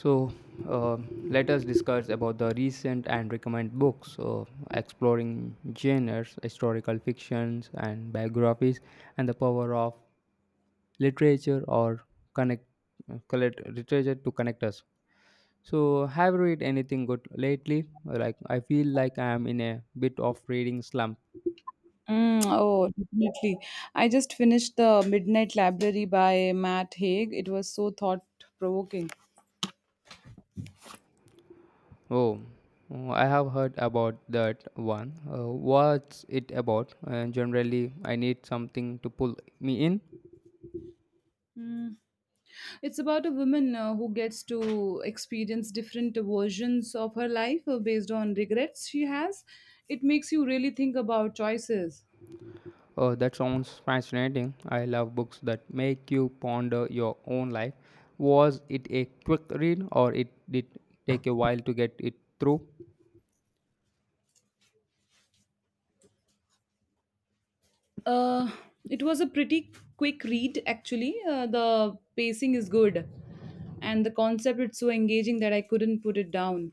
So uh, let us discuss about the recent and recommend books, exploring genres, historical fictions, and biographies, and the power of literature or connect, collect literature to connect us. So have you read anything good lately? Like I feel like I am in a bit of reading slump. Mm, oh, definitely. I just finished The Midnight Library by Matt Haig. It was so thought provoking. Oh, oh, I have heard about that one. What's it about? And generally, I need something to pull me in. Mm. It's about a woman who gets to experience different versions of her life based on regrets she has. It makes you really think about choices. Oh, that sounds fascinating. I love books that make you ponder your own life. Was it a quick read or it did take a while to get it through? Uh, it was a pretty quick read, actually. The pacing is good, and the concept is so engaging that I couldn't put it down.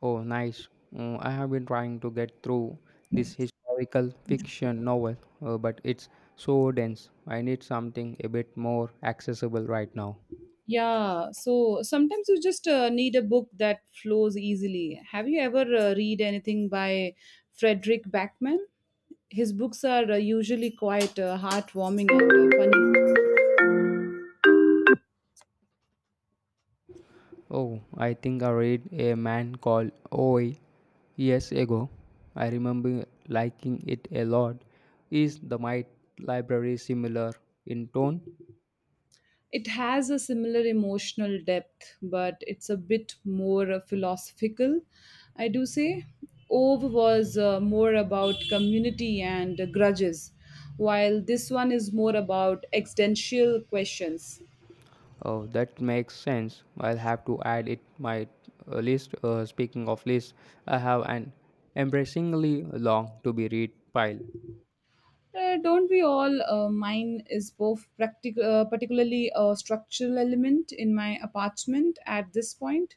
Oh, nice. Mm, I have been trying to get through this historical fiction novel, but it's so dense. I need something a bit more accessible right now. Yeah, so sometimes you just need a book that flows easily. Have you ever read anything by Frederick Backman? His books are usually quite heartwarming and funny. Oh, I think I read a man called Oi years ago. I remember liking it a lot. Is the Might Library similar in tone? It has a similar emotional depth, but it's a bit more philosophical, I do say. Ove was more about community and grudges, while this one is more about existential questions. Oh, that makes sense. I'll have to add it my list. Speaking of list, I have an embarrassingly long to be read pile. Don't we all? Mine is both particularly a structural element in my apartment at this point.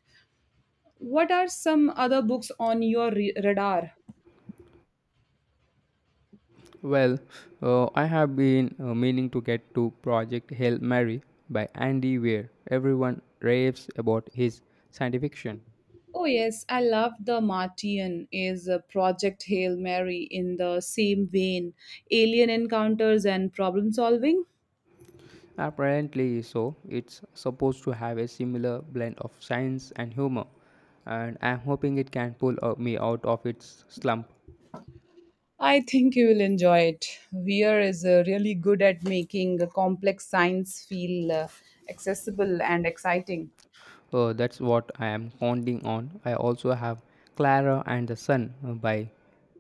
What are some other books on your radar? Well, I have been meaning to get to Project Hail Mary by Andy Weir. Everyone raves about his science fiction. Oh yes, I love the Martian is a Project Hail Mary in the same vein, alien encounters and problem solving. Apparently so, it's supposed to have a similar blend of science and humor, and I'm hoping it can pull me out of its slump. I think you will enjoy it. Weir is really good at making complex science feel accessible and exciting. That's what I am counting on. I also have Clara and the Sun by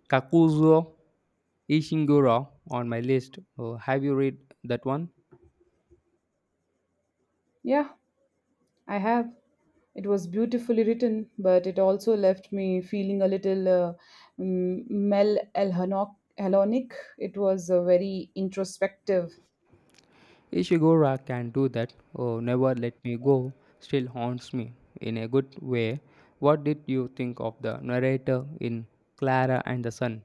Kakuzo Ishiguro on my list. Have you read that one? Yeah. I have. It was beautifully written, but it also left me feeling a little Elhonic. It was very introspective. Ishiguro can do that. Oh, Never Let Me Go still haunts me in a good way. What did you think of the narrator in Clara and the Sun?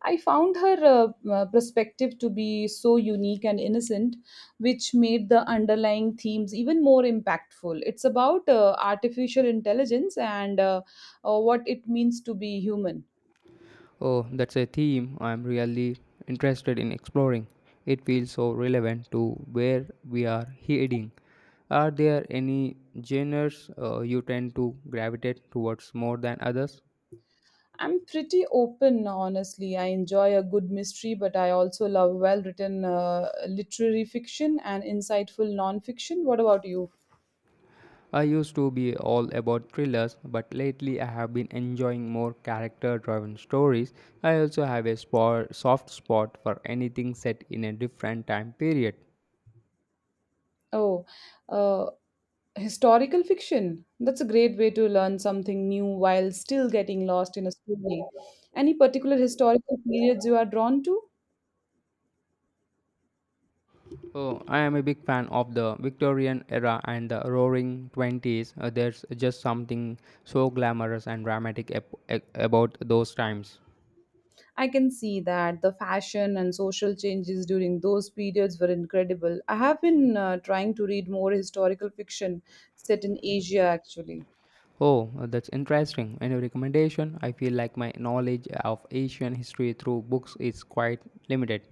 I found her perspective to be so unique and innocent, which made the underlying themes even more impactful. It's about artificial intelligence and what it means to be human. Oh, that's a theme I'm really interested in exploring. It feels so relevant to where we are heading. Are there any genres you tend to gravitate towards more than others? I'm pretty open, honestly. I enjoy a good mystery, but I also love well written literary fiction and insightful non fiction. What about you? I used to be all about thrillers, but lately I have been enjoying more character driven stories. I also have a spot, soft spot for anything set in a different time period. Oh, uh, historical fiction. That's a great way to learn something new while still getting lost in a story. Any particular historical periods you are drawn to? Oh, I am a big fan of the Victorian era and the roaring 20s. There's just something so glamorous and dramatic about those times. I can see that the fashion and social changes during those periods were incredible. I have been trying to read more historical fiction set in Asia, actually. Oh, that's interesting. Any recommendation? I feel like my knowledge of Asian history through books is quite limited.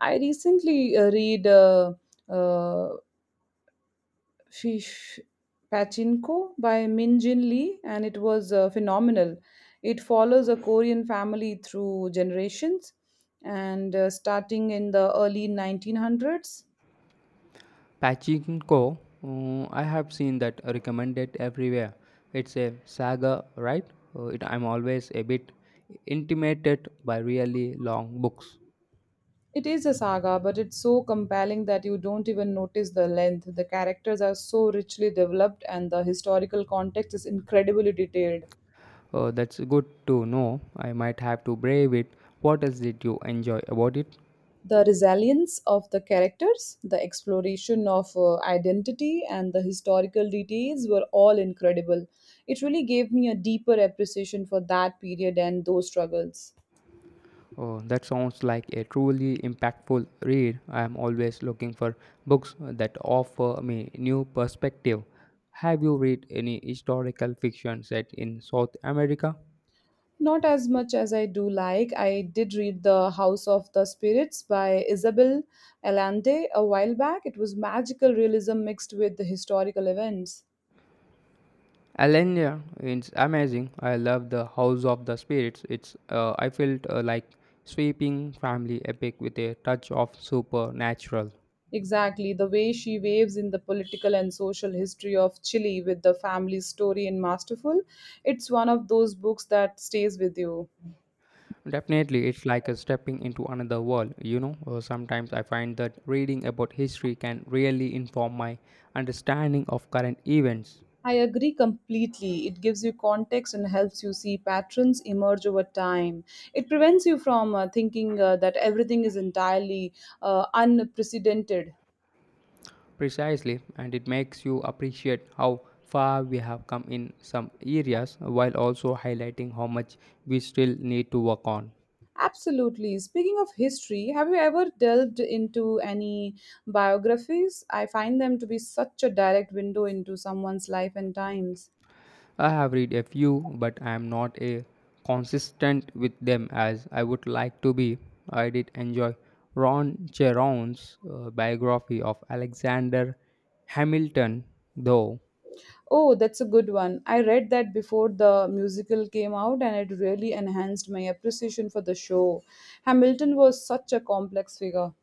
I recently read uh, Fish Pachinko by Min Jin Lee, and it was phenomenal. It follows a Korean family through generations and starting in the early 1900s. Pachinko, I have seen that recommended everywhere. It's a saga, right? I'm always a bit intimidated by really long books. It is a saga, but it's so compelling that you don't even notice the length. The characters are so richly developed, and the historical context is incredibly detailed. Oh, that's good to know. I might have to brave it. What else did you enjoy about it? The resilience of the characters, the exploration of identity, and the historical details were all incredible. It really gave me a deeper appreciation for that period and those struggles. Oh, that sounds like a truly impactful read. I am always looking for books that offer me new perspective. Have you read any historical fiction set in South America? Not as much as I do like. I did read The House of the Spirits by Isabel Allende a while back. It was magical realism mixed with the historical events. Alenia, it's amazing. I love the House of the Spirits. It's I felt like sweeping family epic with a touch of supernatural. Exactly, the way she waves in the political and social history of Chile with the family story in Masterful, it's one of those books that stays with you. Definitely, it's like a stepping into another world. You know, sometimes I find that reading about history can really inform my understanding of current events. I agree completely. It gives you context and helps you see patterns emerge over time. It prevents you from thinking that everything is entirely unprecedented. Precisely, and it makes you appreciate how far we have come in some areas while also highlighting how much we still need to work on. Absolutely. Speaking of history, have you ever delved into any biographies? I find them to be such a direct window into someone's life and times. I have read a few, but I am not a consistent with them as I would like to be. I did enjoy Ron Cheron's biography of Alexander Hamilton, though. Oh, that's a good one. I read that before the musical came out, and it really enhanced my appreciation for the show. Hamilton was such a complex figure.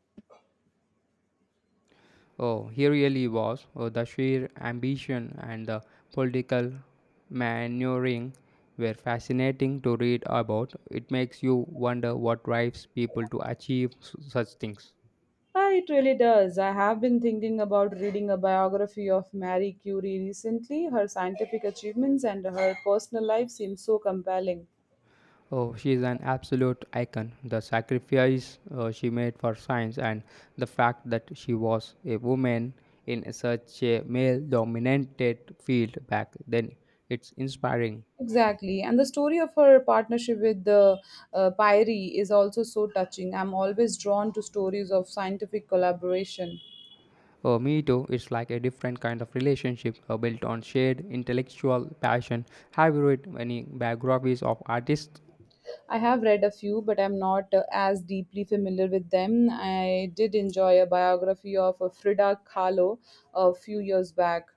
Oh, he really was, the sheer ambition and the political maneuvering were fascinating to read about. It makes you wonder what drives people to achieve such things. Ah, it really does. I have been thinking about reading a biography of Marie Curie recently. Her scientific achievements and her personal life seem so compelling. Oh, she's an absolute icon. The sacrifice she made for science and the fact that she was a woman in such a male dominated field back then, it's inspiring. Exactly. And the story of her partnership with the Pyrie is also so touching. I'm always drawn to stories of scientific collaboration. Me too, it's like a different kind of relationship built on shared intellectual passion. Have you read any biographies of artists? I have read a few, but I'm not as deeply familiar with them. I did enjoy a biography of Frida Kahlo a few years back.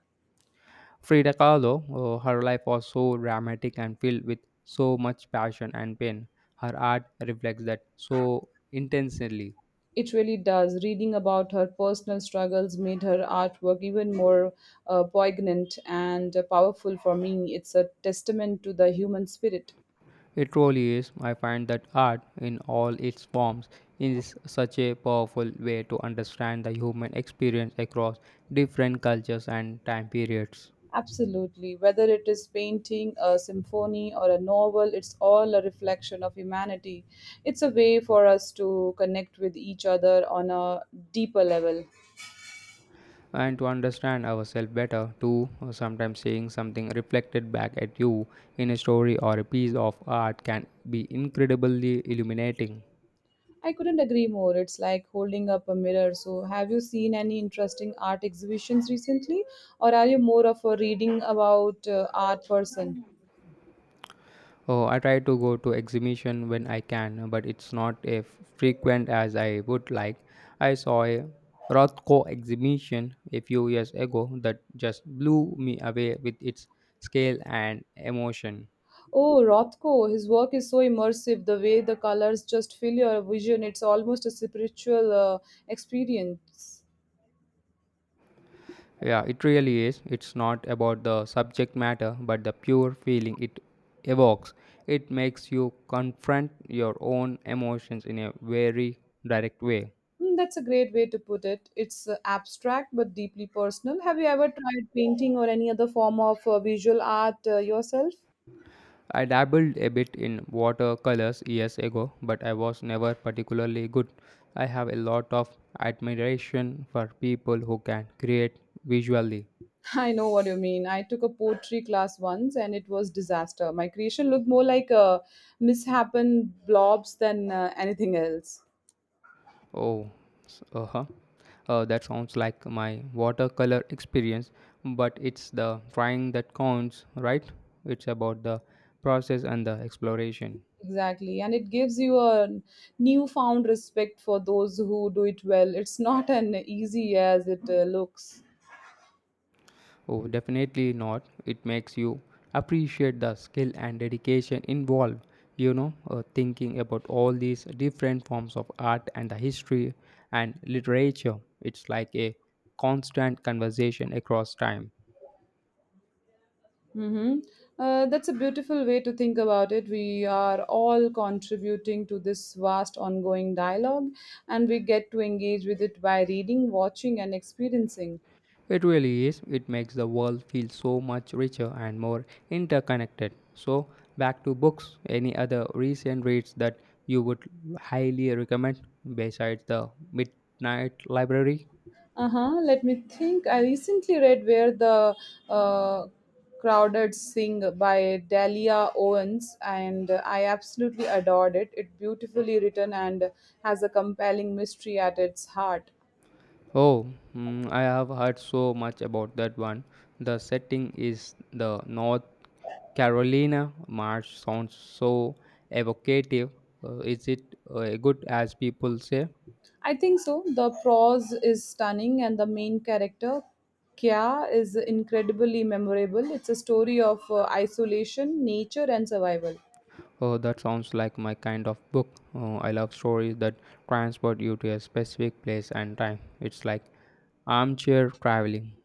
Frida Kahlo, her life was so dramatic and filled with so much passion and pain. Her art reflects that so intensely. It really does. Reading about her personal struggles made her artwork even more poignant and powerful for me. It's a testament to the human spirit. It truly is. I find that art, in all its forms, is such a powerful way to understand the human experience across different cultures and time periods. Absolutely. Whether it is painting, a symphony, or a novel, it's all a reflection of humanity. It's a way for us to connect with each other on a deeper level. And to understand ourselves better, too, sometimes seeing something reflected back at you in a story or a piece of art can be incredibly illuminating. I couldn't agree more. It's like holding up a mirror. So, have you seen any interesting art exhibitions recently, or are you more of a reading about art person? Oh, I try to go to exhibition when I can, but it's not as frequent as I would like. I saw a Rothko exhibition a few years ago that just blew me away with its scale and emotion. Oh, Rothko, his work is so immersive. The way the colors just fill your vision, it's almost a spiritual experience. Yeah, it really is. It's not about the subject matter, but the pure feeling it evokes. It makes you confront your own emotions in a very direct way. Mm, that's a great way to put it. It's abstract but deeply personal. Have you ever tried painting or any other form of visual art yourself? I dabbled a bit in watercolors years ago, but I was never particularly good. I have a lot of admiration for people who can create visually. I know what you mean. I took a poetry class once and it was disaster. My creation looked more like a mishapen blobs than anything else. Oh, uh-huh. That sounds like my watercolor experience, but it's the trying that counts, right? It's about the process and the exploration. Exactly. And it gives you a newfound respect for those who do it well. It's not an easy as it looks. Oh, definitely not. It makes you appreciate the skill and dedication involved, you know, thinking about all these different forms of art and the history and literature. It's like a constant conversation across time. Mm-hmm. That's a beautiful way to think about it. We are all contributing to this vast ongoing dialogue, and we get to engage with it by reading, watching, and experiencing. It really is. It makes the world feel so much richer and more interconnected. So, back to books. Any other recent reads that you would highly recommend besides the Midnight Library? Uh huh. Let me think. I recently read Where the uh, Crowded Sing by Delia Owens, and I absolutely adored it. It beautifully written and has a compelling mystery at its heart. Oh, mm, I have heard so much about that one. The setting is the North Carolina march. Sounds so evocative. Is it good as people say? I think so. The prose is stunning, and the main character, Kya, is incredibly memorable. It's a story of isolation, nature, and survival. Oh, that sounds like my kind of book. Oh, I love stories that transport you to a specific place and time. It's like armchair traveling.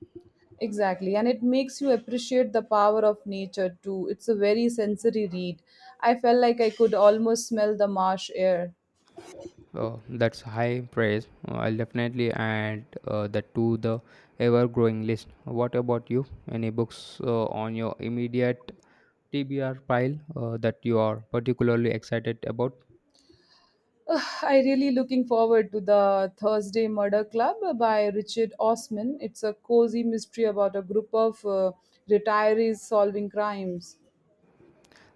Exactly, and it makes you appreciate the power of nature too. It's a very sensory read. I felt like I could almost smell the marsh air. That's high praise. I'll definitely add that to the ever growing list. What about you? Any books on your immediate TBR pile that you are particularly excited about? I really looking forward to the Thursday Murder Club by Richard Osman. It's a cozy mystery about a group of retirees solving crimes.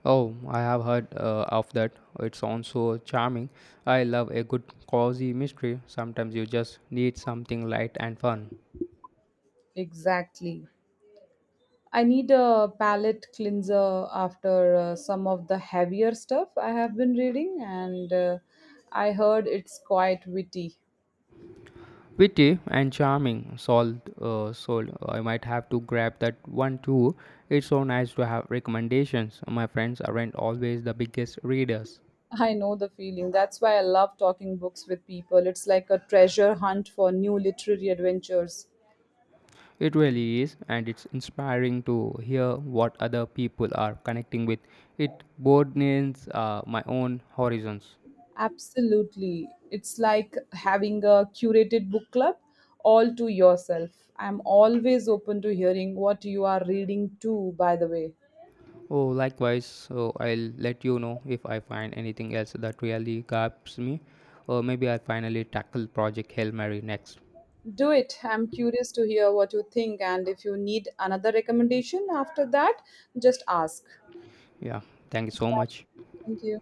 Oh, I have heard of that. It sounds so charming. I love a good cozy mystery. Sometimes you just need something light and fun. Exactly. I need a palate cleanser after some of the heavier stuff I have been reading, and I heard it's quite witty. Witty and charming sold, sold, I might have to grab that one too. It's so nice to have recommendations. My friends aren't always the biggest readers. I know the feeling. That's why I love talking books with people. It's like a treasure hunt for new literary adventures. It really is, and it's inspiring to hear what other people are connecting with. It broadens my own horizons. Absolutely. It's like having a curated book club all to yourself. I'm always open to hearing what you are reading too, by the way. Oh, likewise. So I'll let you know if I find anything else that really grabs me, or maybe I'll finally tackle Project Hail Mary next. Do it. I'm curious to hear what you think, and if you need another recommendation after that, just ask. Yeah, thank you so much. Thank you.